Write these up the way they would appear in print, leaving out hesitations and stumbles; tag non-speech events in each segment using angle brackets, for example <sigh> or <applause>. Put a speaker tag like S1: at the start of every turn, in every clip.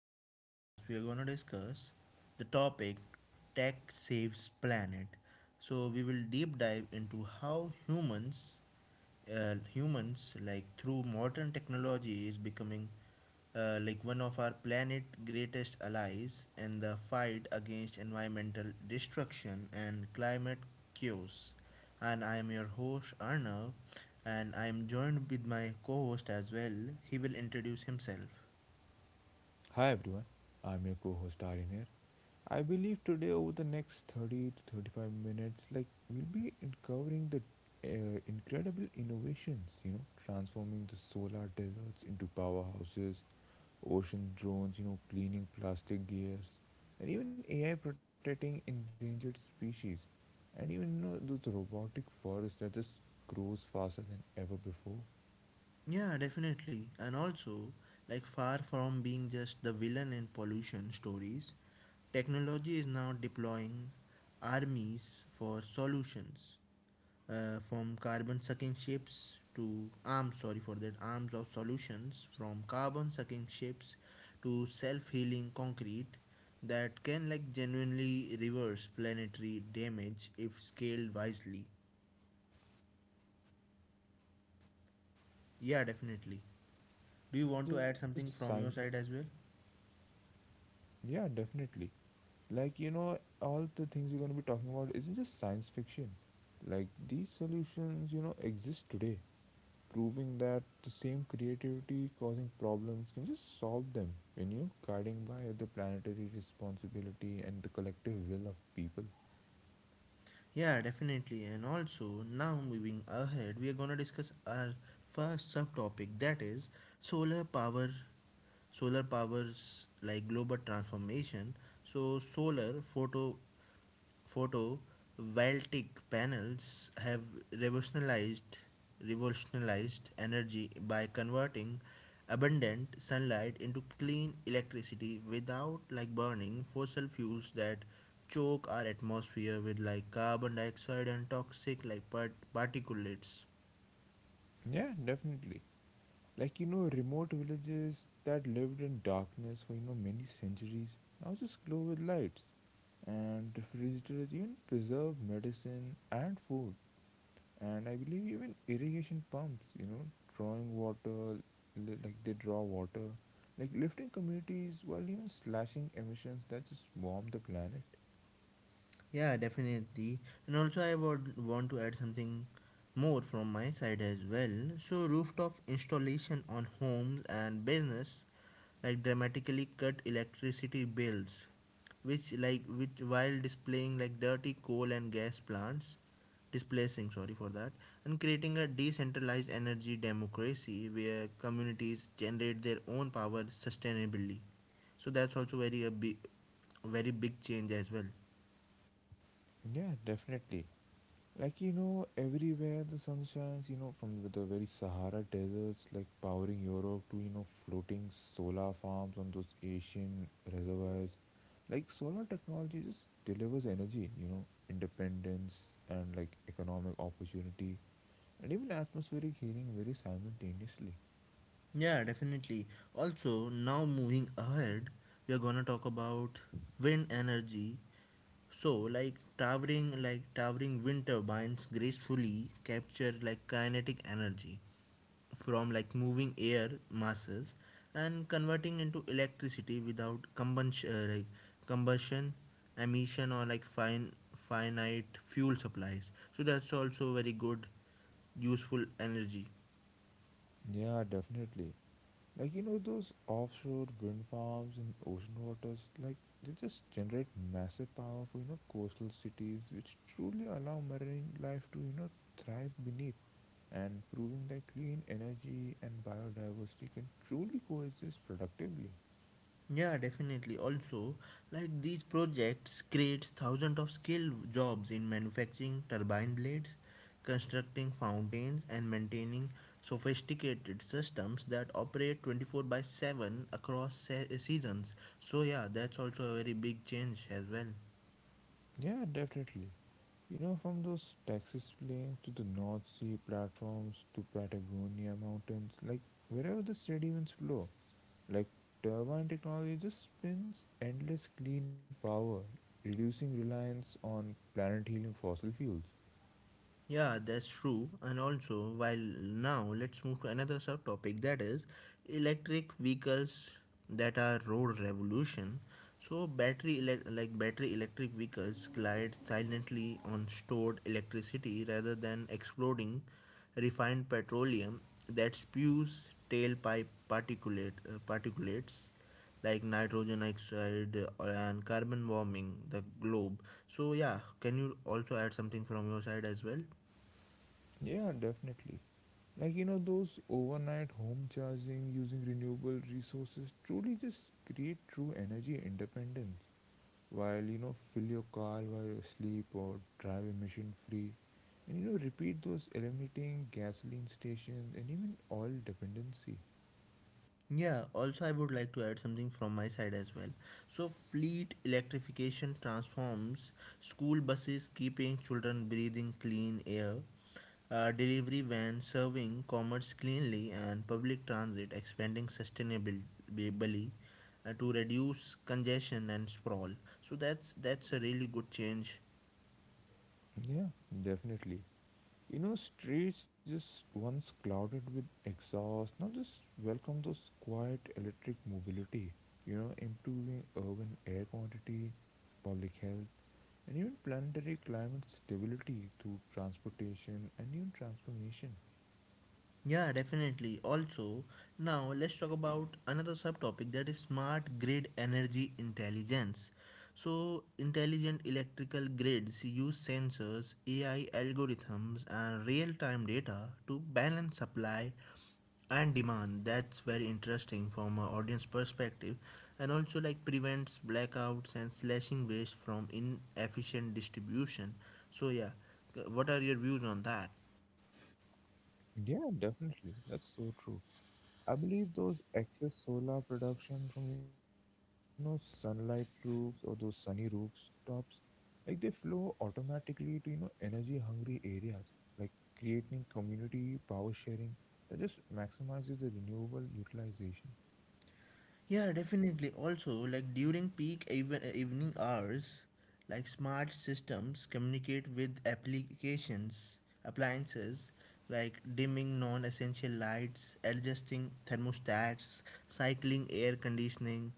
S1: in this podcast, we are going to discuss the topic Tech Saves Planet. So, we will deep dive into how humans like through modern technology is becoming like one of our planet greatest allies in the fight against environmental destruction and climate chaos. And I am your host arnav, and I am joined with my co-host as well. He will introduce himself.
S2: Hi everyone, I'm your co host Aryan here. I believe today, over the next 30 to 35 minutes, we'll be uncovering the incredible innovations, you know, transforming the solar deserts into powerhouses, ocean drones, you know, cleaning plastic gears, and even AI protecting endangered species, and even you know, those robotic forests that just grows faster than ever before.
S1: Yeah, definitely. And also, like far from being just the villain in pollution stories, technology is now deploying armies for solutions. From carbon sucking ships to arms, sorry for that, arms of solutions, from carbon sucking ships to self healing concrete that can like genuinely reverse planetary damage if scaled wisely.
S2: Yeah, definitely, all the
S1: Yeah,
S2: things you're gonna talk
S1: definitely.
S2: about, you know,
S1: Do
S2: this
S1: you want to add
S2: isn't
S1: something
S2: just
S1: from
S2: science.
S1: your side as well?
S2: Yeah, definitely. Like, you know, all the things you're gonna be talking about isn't just science fiction. Like, these solutions, you know, exist today, proving that the same creativity causing problems can just solve them when you guiding by the planetary responsibility and the collective will of people.
S1: Yeah, definitely. And also, now moving ahead, we are going to discuss our first subtopic that is solar power solar powers like global transformation. So solar photovoltaic panels have revolutionized revolutionized energy by converting abundant sunlight into clean electricity without like burning fossil fuels that choke our atmosphere with like carbon dioxide and toxic like particulates.
S2: Yeah, definitely. Like you know, remote villages that lived in darkness for you know many centuries now just glow with lights, and refrigerators even preserve medicine and food, and I believe even irrigation pumps, you know, drawing water, like they draw water, like lifting communities while even slashing emissions that just warm the planet.
S1: Yeah, definitely. And also, I would want to add something more from my side as well. So, rooftop installation on homes and business like dramatically cut electricity bills, which like which while displaying like dirty coal and gas plants, displacing sorry for that, and creating a decentralized energy democracy where communities generate their own power sustainably. So that's also very a big, very big change as well.
S2: Yeah, definitely. Like you know, everywhere the sun shines. You know, from the very Sahara deserts, like powering Europe, to you know, floating solar farms on those Asian reservoirs. Like solar technology just delivers energy. You know, independence and like economic opportunity, and even atmospheric healing very simultaneously.
S1: Yeah, definitely. Also, now moving ahead, we are gonna talk about wind energy. So, like towering wind turbines gracefully capture like kinetic energy from like moving air masses and converting into electricity without combustion, emission, or like fine finite fuel supplies. So that's also very good, useful energy.
S2: Yeah, definitely. Like you know, those offshore wind farms in ocean waters, like they just generate massive power for you know coastal cities, which truly allow marine life to you know thrive beneath, and proving that clean energy and biodiversity can truly coexist productively.
S1: Yeah, definitely. Also, like these projects creates thousands of skilled jobs in manufacturing turbine blades, constructing fountains, and maintaining sophisticated systems that operate 24 by 7 across seasons. So yeah, that's also a very big change as well.
S2: Yeah, definitely. You know, from those Texas plains to the North Sea platforms to Patagonia mountains, like wherever the steady winds blow, like turbine technology just spins endless clean power, reducing reliance on planet healing fossil fuels.
S1: Yeah, that's true. And also, while now let's move to another subtopic that is electric vehicles that are road revolution. So like battery electric vehicles glide silently on stored electricity rather than exploding refined petroleum that spews tailpipe particulates like nitrogen oxide, and carbon warming the globe. So yeah, can you also add something from your side as well?
S2: Yeah, definitely. Like, you know, those overnight home charging using renewable resources truly just create true energy independence while, you know, fill your car while you sleep or drive emission free. And, you know, repeat those eliminating gasoline stations and even oil dependency.
S1: Yeah, also, I would like to add something from my side as well. So, fleet electrification transforms school buses, keeping children breathing clean air, delivery vans serving commerce cleanly, and public transit expanding sustainably, to reduce congestion and sprawl. So, that's a really good change.
S2: Yeah, definitely. You know, streets just once clouded with exhaust now just welcome those quiet electric mobility, you know, improving urban air quantity, public health, and even planetary climate stability through transportation and even transformation.
S1: Yeah, definitely. Also, now let's talk about another subtopic that is smart grid energy intelligence. So, intelligent electrical grids use sensors, AI algorithms, and real time data to balance supply and demand. That's very interesting from an audience perspective, and also like prevents blackouts and slashing waste from inefficient distribution. So, yeah, what are your views on that?
S2: Yeah, definitely. That's so true. I believe those excess solar production from, you know, sunlight roofs or those sunny rooftops, like they flow automatically to you know energy hungry areas, like creating community power sharing that just maximizes the renewable utilization.
S1: Yeah, definitely. Also, like during peak evening hours, like smart systems communicate with applications, appliances, like dimming non-essential lights, adjusting thermostats, cycling air conditioning,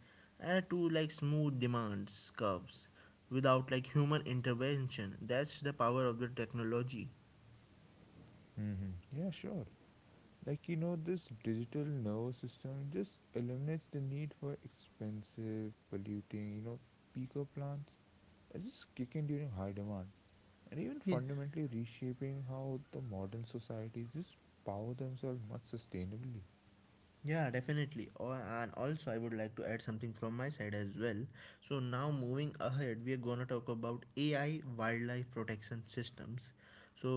S1: to like smooth demands curves without like human intervention. That's the power of the technology.
S2: Yeah, sure. Like you know, this digital nervous system just eliminates the need for expensive polluting, you know, peaker plants that just kick in during high demand, and even
S1: Yeah.
S2: fundamentally reshaping how the modern societies just power themselves much sustainably.
S1: Yeah, definitely. And also, I would like to add something from my side as well. So, now moving ahead, we are gonna talk about AI wildlife protection systems. So,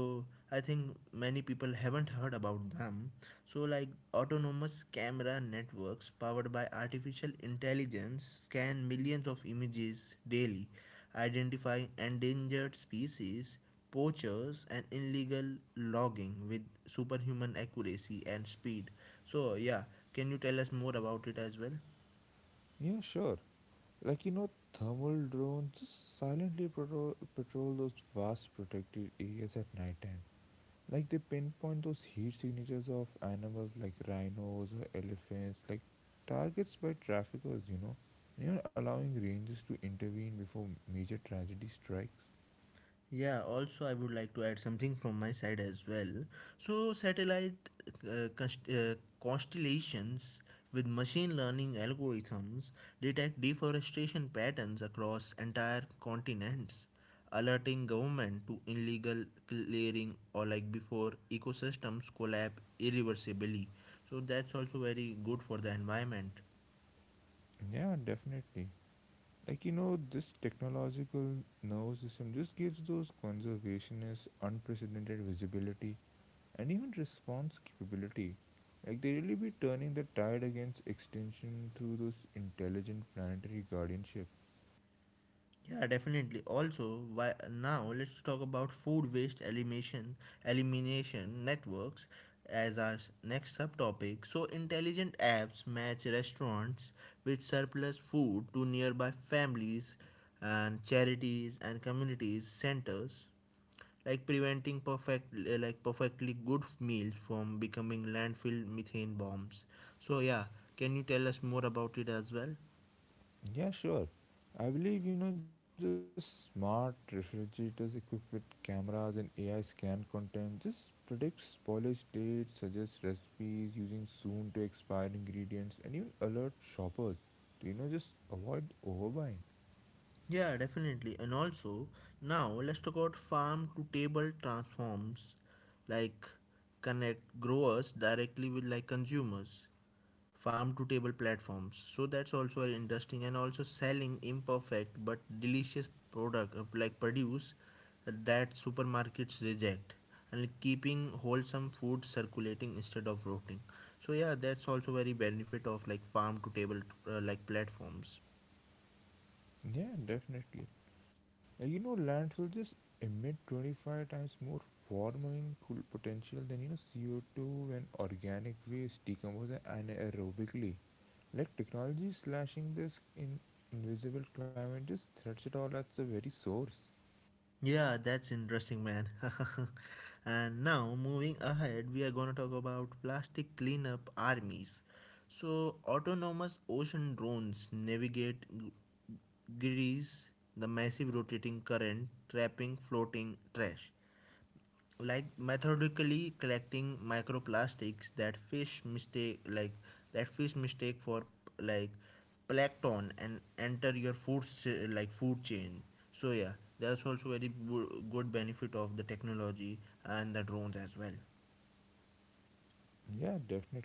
S1: I think many people haven't heard about them. So, like autonomous camera networks powered by artificial intelligence scan millions of images daily, identify endangered species, poachers and illegal logging with superhuman accuracy and speed. So, yeah, can you tell us more about it as well?
S2: Yeah, sure. Like you know, thermal drones just silently patrol those vast protected areas at night time. Like they pinpoint those heat signatures of animals like rhinos or elephants, like targets by traffickers, you know. And even allowing rangers to intervene before major tragedy strikes.
S1: Yeah, also, I would like to add something from my side as well. So, satellite uh, const- uh, constellations with machine learning algorithms detect deforestation patterns across entire continents, alerting government to illegal clearing or like before ecosystems collapse irreversibly. So, that's also very good for the environment.
S2: Yeah, definitely. Like you know, this technological nervous system just gives those conservationists unprecedented visibility and even response capability. Like they really be turning the tide against extinction through those intelligent planetary guardianship.
S1: Yeah, definitely. Also, why, now let's talk about food waste elimination networks as our next subtopic. So, intelligent apps match restaurants with surplus food to nearby families and charities and communities centers, like preventing perfectly good meals from becoming landfill methane bombs. So, yeah, can you tell us more about it as well?
S2: Yeah, sure. I believe you know, just smart refrigerators equipped with cameras and AI scan content just predicts spoilage dates, suggests recipes using soon to expire ingredients, and even alert shoppers to you know just avoid overbuying.
S1: Yeah, definitely. And also, now let's talk about farm to table transforms, like connect growers directly with like consumers, farm to table platforms. So that's also very interesting. And also selling imperfect but delicious product like produce that supermarkets reject and like, keeping wholesome food circulating instead of rotting. So yeah, that's also very benefit of like farm to table like platforms.
S2: Yeah, definitely. You know, landfills just emit 25 times more warming cool potential than you know CO2 when organic waste decomposes anaerobically. Like technology slashing this in invisible climate just threats it all at the very source.
S1: Yeah, that's interesting, man. <laughs> And now, moving ahead, we are going to talk about plastic cleanup armies. So, autonomous ocean drones navigate Greece, the massive rotating current trapping floating trash, like methodically collecting microplastics that fish mistake for like plankton and enter your food chain. So yeah, that's also very good benefit of the technology and the drones as well.
S2: Yeah, definitely.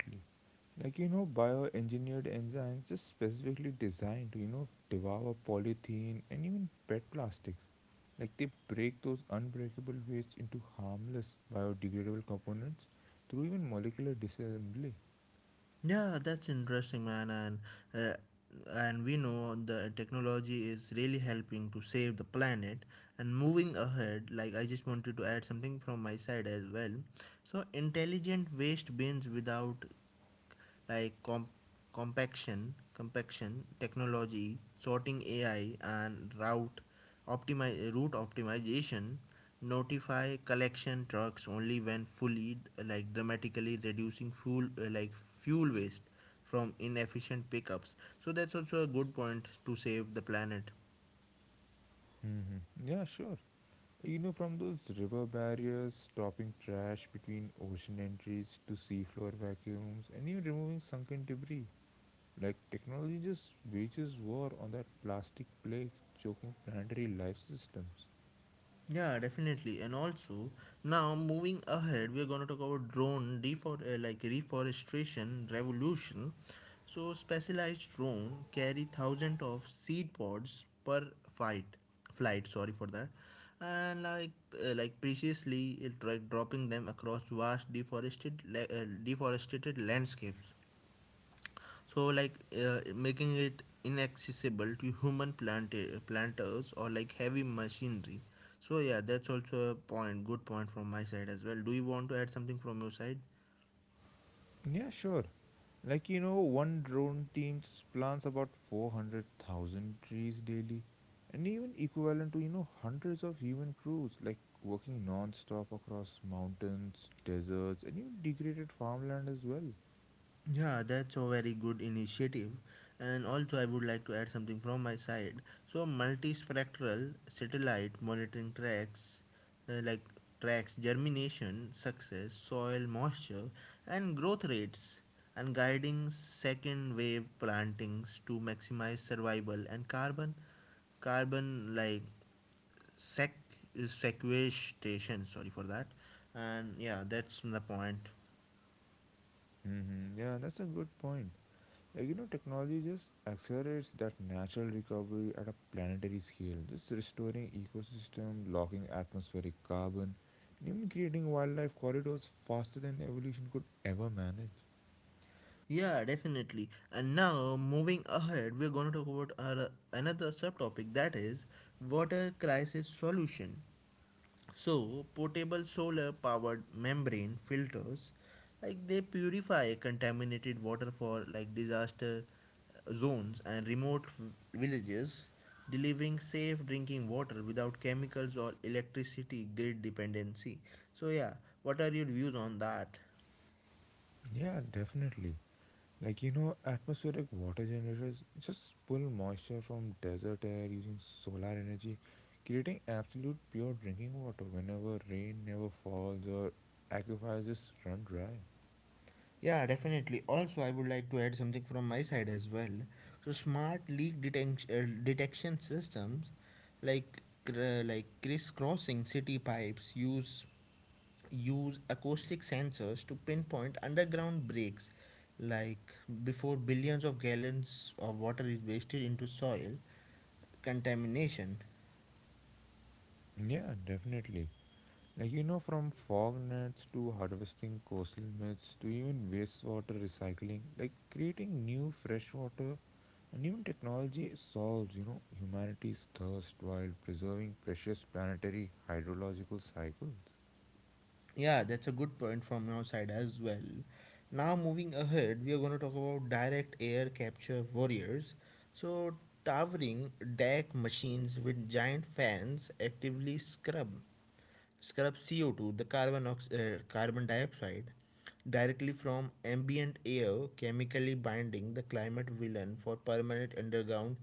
S2: Like you know, bioengineered enzymes just specifically designed to you know devour polythene and even PET plastics. Like they break those unbreakable wastes into harmless biodegradable components through even molecular disassembly.
S1: Yeah, that's interesting, man. And uh, and we know the technology is really helping to save the planet. And moving ahead, like I just wanted to add something from my side as well. So intelligent waste bins without like compaction technology, sorting AI, and route optimi- route optimization notify collection trucks only when fully, like dramatically reducing fuel waste from inefficient pickups. So that's also a good point to save the planet.
S2: Mm-hmm, yeah, sure. You know, from those river barriers stopping trash between ocean entries to seafloor vacuums and even removing sunken debris, like technology just wages war on that plastic plague choking planetary life systems.
S1: Yeah, definitely. And also, now moving ahead, we are going to talk about drone reforestation revolution. So, specialized drone carry thousands of seed pods per fight flight. Sorry for that. And like preciously, it like dropping them across vast deforested landscapes, so like making it inaccessible to human planters or like heavy machinery. So yeah, that's also a point, good point from my side as well. Do you want to add something from your side?
S2: Yeah, sure. Like you know, one drone team plants about 400,000 trees daily, and even equivalent to you know hundreds of human crews like working non-stop across mountains, deserts, and even degraded farmland as well.
S1: Yeah, that's a very good initiative. And also, I would like to add something from my side. So, multispectral satellite monitoring uh, like tracks germination, success, soil moisture, and growth rates, and guiding second wave plantings to maximize survival and carbon carbon like sec sequestration. Sorry for that. And yeah, that's the point.
S2: Mm-hmm. Yeah, that's a good point. Like you know, technology just accelerates that natural recovery at a planetary scale, just restoring ecosystem, locking atmospheric carbon, and even creating wildlife corridors faster than evolution could ever manage.
S1: Yeah, definitely. And now, moving ahead, we're going to talk about our, another subtopic that is water crisis solution. So, portable solar powered membrane filters like they purify contaminated water for like disaster zones and remote villages, delivering safe drinking water without chemicals or electricity grid dependency. So, yeah, what are your views on that?
S2: Yeah, definitely. Like, you know, atmospheric water generators just pull moisture from desert air using solar energy, creating absolute pure drinking water whenever rain never falls or aquifers just run dry.
S1: Yeah, definitely. Also, I would like to add something from my side as well. So, smart leak detention detection systems like crisscrossing city pipes use acoustic sensors to pinpoint underground breaks, like before billions of gallons of water is wasted into soil contamination.
S2: Yeah, definitely. Like you know, from fog nets to harvesting coastal myths to even wastewater recycling, like creating new fresh water, and even technology solves, you know, humanity's thirst while preserving precious planetary hydrological cycles.
S1: Yeah, that's a good point from your side as well. Now, moving ahead, we are going to talk about direct air capture warriors. So, towering deck machines with giant fans actively scrub CO2, the carbon dioxide, directly from ambient air, chemically binding the climate villain for permanent underground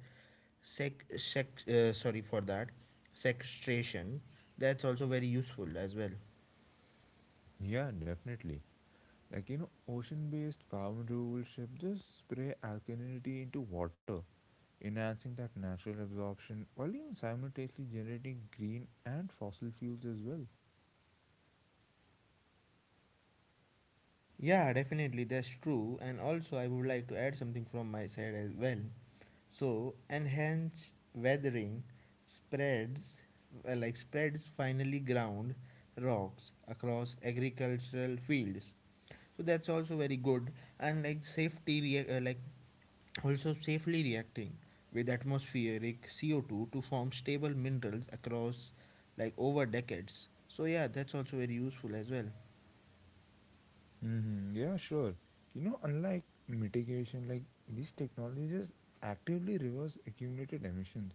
S1: sec, sec sorry for that sequestration. That's also very useful as well.
S2: Yeah, definitely. Like, you know, ocean based carbon removal ships just spray alkalinity into water, enhancing that natural absorption while even simultaneously generating green and fossil fuels as well.
S1: Yeah, definitely, that's true. And also, I would like to add something from my side as well. So, enhanced weathering spreads, like spreads finely ground rocks across agricultural fields. So that's also very good. And like also safely reacting with atmospheric CO2 to form stable minerals across like over decades. So yeah, that's also very useful as well.
S2: Yeah, sure. You know, unlike mitigation, like these technologies actively reverse accumulated emissions,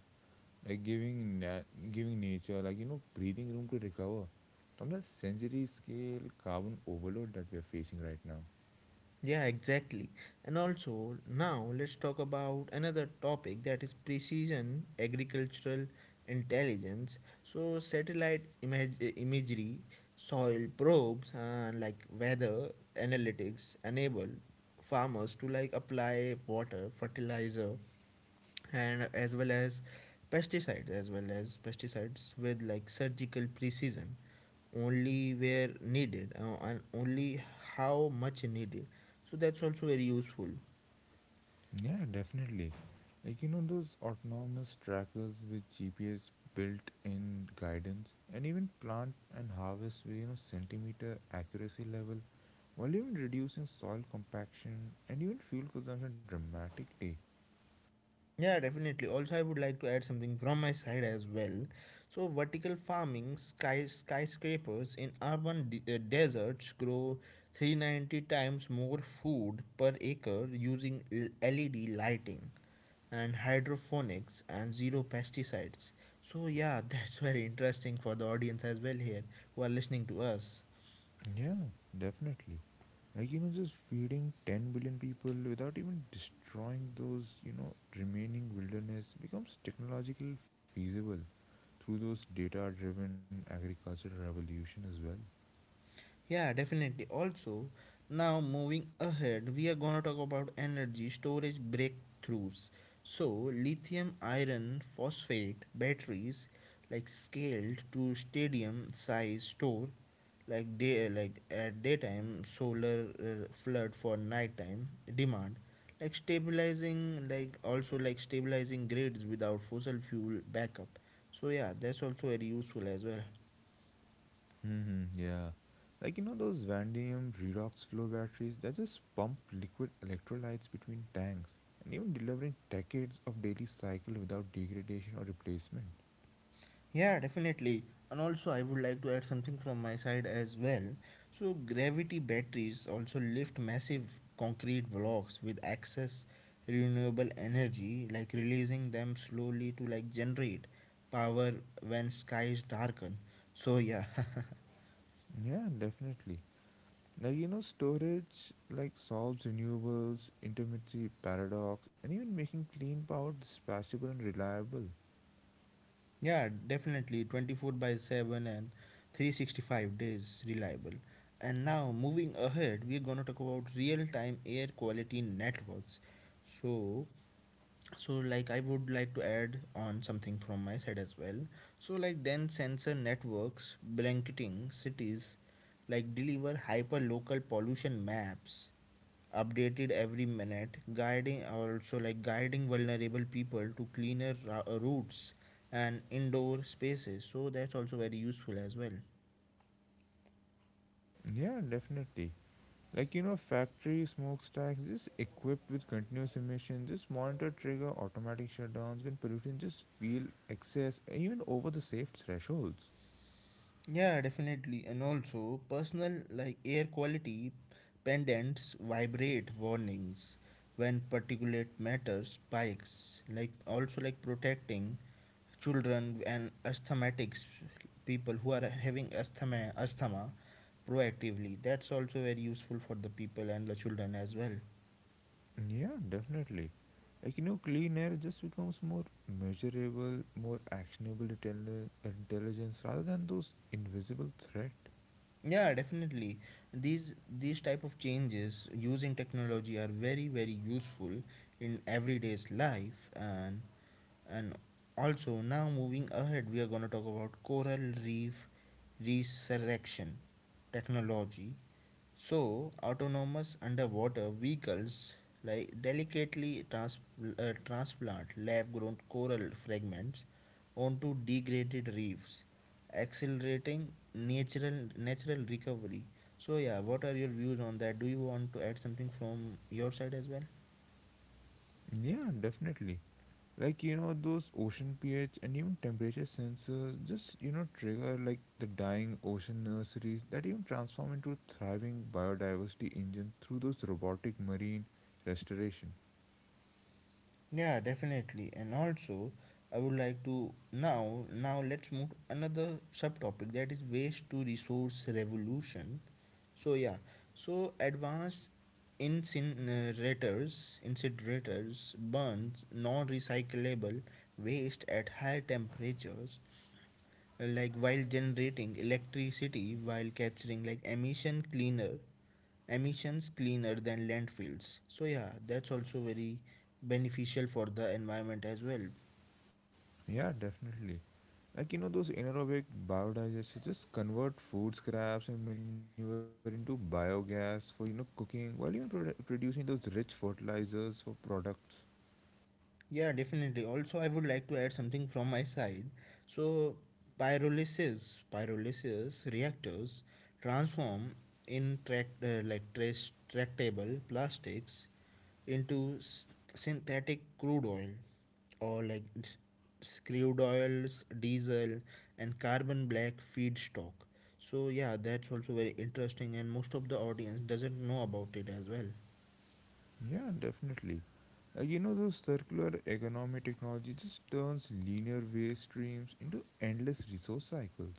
S2: like giving nature, like you know, breathing room to recover from the century scale carbon overload that we are facing right now.
S1: Yeah, exactly. And also, now let's talk about another topic that is precision agricultural intelligence. So, satellite imagery, soil probes, and like weather analytics enable farmers to like apply water, fertilizer, and as well as pesticides as well as pesticides with like surgical precision only where needed, and only how much needed. So that's also very useful.
S2: Yeah, definitely. Like you know, those autonomous trackers with GPS built-in guidance, and even plant and harvest with you know centimeter accuracy level while even reducing soil compaction and even fuel consumption dramatically.
S1: Yeah definitely, also I would like to add something from my side as well. So vertical farming skyscrapers in urban deserts grow 390 times more food per acre using led lighting and hydroponics and zero pesticides. So yeah, <laughs> that's very interesting for the audience as well here who are listening to us.
S2: Yeah, definitely. Like, you know, just feeding 10 billion people without even destroying those, you know, remaining wilderness becomes technologically feasible through those data driven agricultural revolution as well.
S1: Yeah, definitely. Also, now moving ahead, we are going to talk about energy storage breakthroughs. So, lithium iron phosphate batteries like scaled to stadium size store like day like at daytime solar flood for nighttime demand, like stabilizing like also like stabilizing grids without fossil fuel backup. So yeah, that's also very useful as well.
S2: Yeah. Like, you know, those vanadium redox flow batteries that just pump liquid electrolytes between tanks and even delivering decades of daily cycle without degradation or replacement.
S1: Yeah, definitely. And also, I would like to add something from my side as well. So, gravity batteries also lift massive concrete blocks with excess renewable energy, like releasing them slowly to like generate power when skies darken. So, yeah, <laughs>
S2: Yeah, definitely. Like you know, storage like solves renewables, intermittency paradox, and even making clean power dispatchable and reliable.
S1: Yeah, definitely, 24 by 7 and 365 days reliable. And now, moving ahead, we're going to talk about real time air quality networks. So, so, like I would like to add on something from my side as well. So like dense sensor networks blanketing cities like deliver hyper local pollution maps updated every minute, guiding also like guiding vulnerable people to cleaner routes and indoor spaces. So that's also very useful as well.
S2: Yeah, definitely. Like you know, factory smokestacks just equipped with continuous emission, just monitor trigger automatic shutdowns when pollutants just feel excess, even over the safe thresholds.
S1: Yeah, definitely. And also, personal like air quality pendants vibrate warnings when particulate matter spikes. Like also like protecting children and asthmatics, people who are having asthma proactively. That's also very useful for the people and the children as well.
S2: Yeah, definitely. Like, you know, clean air just becomes more measurable, more actionable intelligence rather than those invisible threat.
S1: Yeah, definitely, these type of changes using technology are very very useful in everyday's life, and also now moving ahead we are going to talk about coral reef resurrection technology. So, autonomous underwater vehicles like delicately transplant lab grown coral fragments onto degraded reefs, accelerating natural recovery. So yeah, what are your views on that? Do you want to add something from your side as well?
S2: Yeah, definitely. Like, you know, those ocean pH and even temperature sensors just, you know, trigger like the dying ocean nurseries that even transform into thriving biodiversity engines through those robotic marine restoration.
S1: Yeah, definitely. And also, I would like to now let's move to another subtopic, that is waste to resource revolution. So yeah, so advanced incinerators burns non-recyclable waste at high temperatures, like while generating electricity, while capturing like emissions cleaner than landfills. So yeah, that's also very beneficial for the environment as well.
S2: Yeah, definitely. Like you know, those anaerobic biodigesters just convert food scraps and manure into biogas for you know cooking, while even producing those rich fertilizers for products.
S1: Yeah, definitely. Also, I would like to add something from my side. So, pyrolysis reactors transform intract like trace tractable plastics into synthetic crude oil or crude oils, diesel, and carbon black feedstock. So yeah, that's also very interesting, and most of the audience doesn't know about it as well.
S2: Yeah, definitely. Like you know, those circular economy technology just turns linear waste streams into endless resource cycles.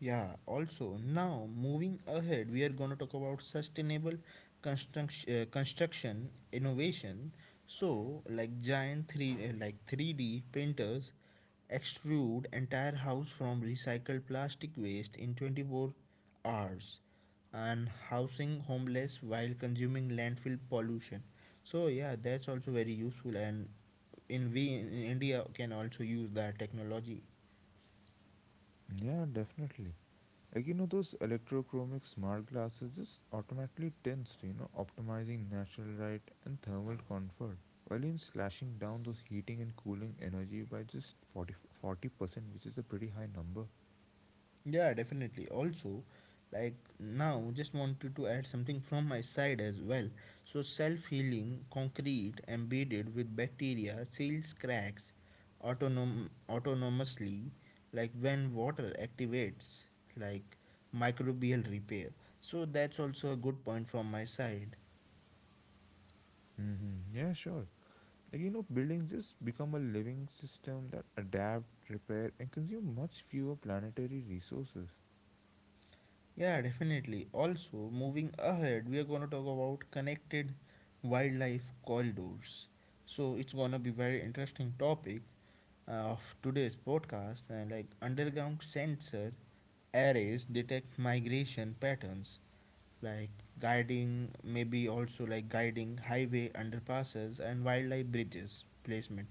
S1: Yeah, also now moving ahead, we are going to talk about sustainable construction, construction innovation. So, like giant three like 3D printers extrude entire house from recycled plastic waste in 24 hours, and housing homeless while consuming landfill pollution. So, yeah, that's also very useful, and in we in India can also use that technology.
S2: Yeah, definitely. Like, you know, those electrochromic smart glasses just automatically tensed, you know, optimizing natural light and thermal comfort, while even slashing down those heating and cooling energy by just 40%, which is a pretty high number.
S1: Yeah, definitely. Also, like now, just wanted to add something from my side as well. So, self healing concrete embedded with bacteria seals cracks autonomously, like when water activates, like microbial repair. So, that's also a good point from my side.
S2: Mm-hmm. Yeah, sure. Like, you know, buildings just become a living system that adapt, repair, and consume much fewer planetary resources.
S1: Yeah, definitely. Also, moving ahead, we are going to talk about connected wildlife corridors. So, it's going to be very interesting topic of today's podcast, and like underground sensor arrays detect migration patterns, like guiding highway underpasses and wildlife bridges placement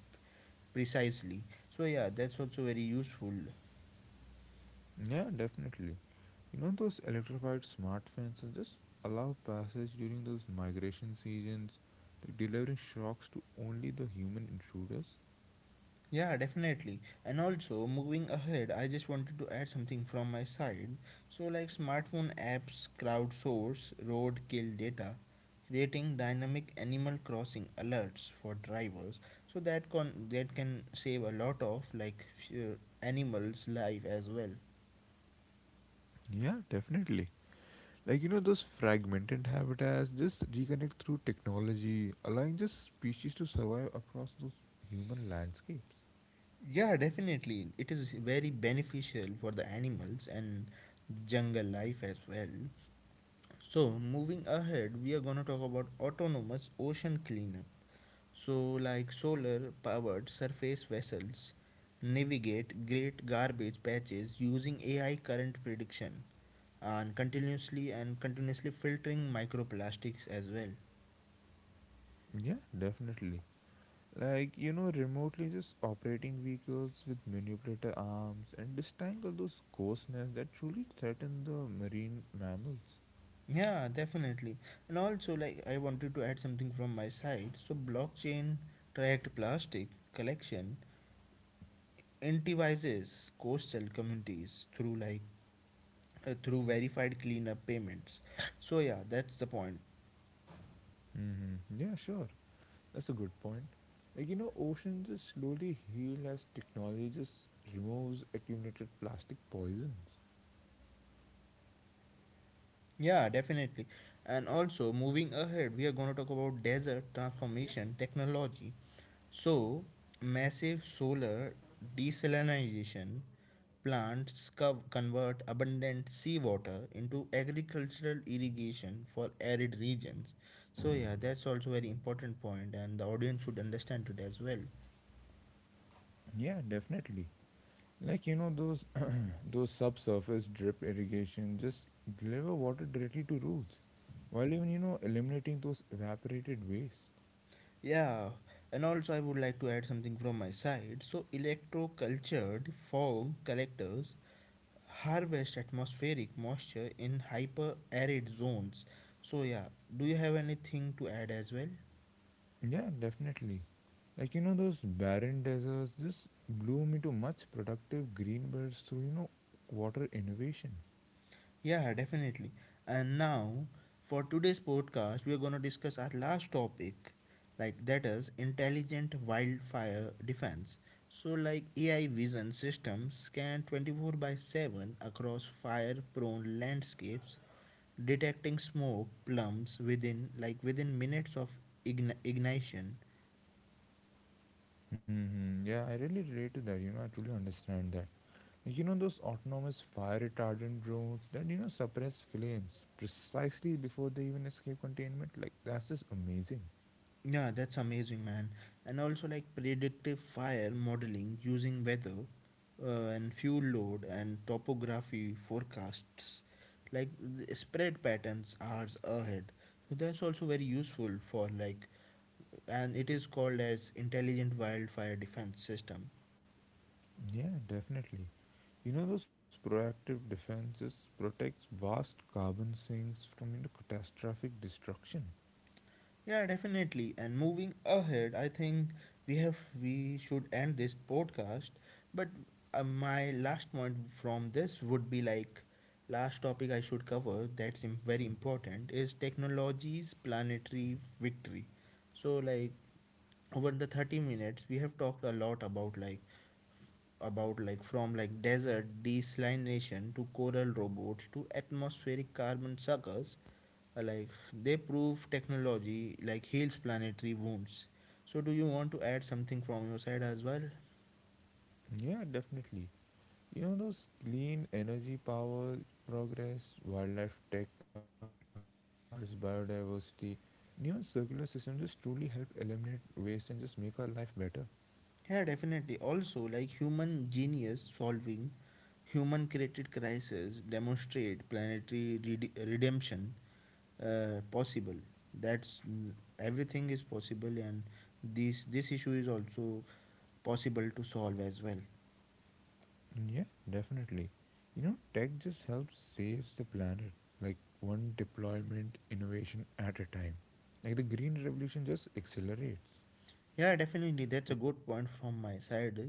S1: precisely. So yeah, that's also very useful.
S2: Yeah, definitely. You know, those electrified smart fences just allow passage during those migration seasons, like delivering shocks to only the human intruders.
S1: Yeah, definitely. And also, moving ahead, I just wanted to add something from my side. So, like smartphone apps, crowdsource, road kill data, creating dynamic animal crossing alerts for drivers, so that that can save a lot of like few animals' life as well.
S2: Yeah, definitely. Like, you know, those fragmented habitats just reconnect through technology, allowing just species to survive across those human landscapes.
S1: Yeah, definitely. It is very beneficial for the animals and jungle life as well. So, moving ahead, we are going to talk about autonomous ocean cleanup. So, like solar powered surface vessels navigate great garbage patches using AI current prediction and continuously filtering microplastics as well.
S2: Yeah, definitely. Like, you know, remotely just operating vehicles with manipulator arms and disentangle those ghost nests that truly threaten the marine mammals.
S1: Yeah, definitely. And also, like, I wanted to add something from my side. So, blockchain tracked plastic collection incentivizes coastal communities through through verified cleanup payments. So yeah, that's the point.
S2: Yeah, sure. That's a good point. Like, you know, oceans just slowly heal as technology just removes accumulated plastic poisons.
S1: Yeah, definitely. And also moving ahead, we are going to talk about desert transformation technology. So massive solar desalination plants convert abundant seawater into agricultural irrigation for arid regions. So yeah, that's also very important point, and the audience should understand it as well.
S2: Yeah, definitely. Like, you know, those <clears throat> those subsurface drip irrigation just deliver water directly to roots, while even, you know, eliminating those evaporated waste.
S1: Yeah, and also I would like to add something from my side. So, electroculture, the fog collectors harvest atmospheric moisture in hyper arid zones. So, yeah, do you have anything to add as well?
S2: Yeah, definitely. Like, you know, those barren deserts just bloom into much productive green belts through, you know, water innovation.
S1: Yeah, definitely. And now, for today's podcast, we are going to discuss our last topic, like that is intelligent wildfire defense. So, like AI vision systems scan 24 by 7 across fire prone landscapes, detecting smoke plumes within within minutes of ignition.
S2: Yeah, I really relate to that. You know, I truly understand that. Like, you know, those autonomous fire retardant drones that, you know, suppress flames precisely before they even escape containment. Like, that's just amazing.
S1: Yeah, that's amazing, man. And also, like predictive fire modeling using weather and fuel load and topography forecasts, like the spread patterns hours ahead. So that's also very useful for like, and it is called as intelligent wildfire defense system.
S2: Yeah, definitely. You know, those proactive defenses protects vast carbon sinks from, you know, catastrophic destruction.
S1: Yeah, definitely. And moving ahead, I think we should end this podcast. But my last point from this would be like last topic I should cover, that's very important, is technology's planetary victory. So like over the 30 minutes we have talked a lot about like desert desalination to coral robots to atmospheric carbon suckers. Like they prove technology like heals planetary wounds. So do you want to add something from your side as well?
S2: Yeah, definitely. You know, those clean energy power progress, wildlife tech cards, biodiversity, new and circular systems just truly help eliminate waste and just make our life better.
S1: Yeah, definitely. Also, like human genius solving human created crisis demonstrate planetary redemption possible. That's everything is possible, and this issue is also possible to solve as well.
S2: Mm, yeah, definitely. You know, tech just helps saves the planet, like one deployment innovation at a time. Like the green revolution just accelerates.
S1: Yeah, definitely. That's a good point from my side.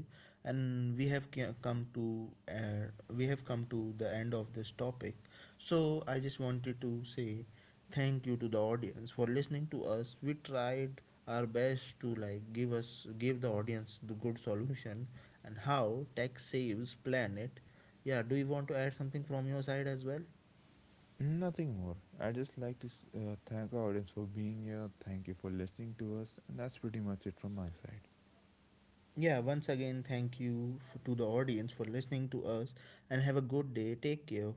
S1: And we have come to the end of this topic. So I just wanted to say thank you to the audience for listening to us. We tried our best to like give the audience the good solution, and how tech saves planet. Yeah, do you want to add something from your side as well?
S2: Nothing more. I just like to thank our audience for being here. Thank you for listening to us, and that's pretty much it from my side.
S1: Yeah, once again, thank you to the audience for listening to us and have a good day. Take care.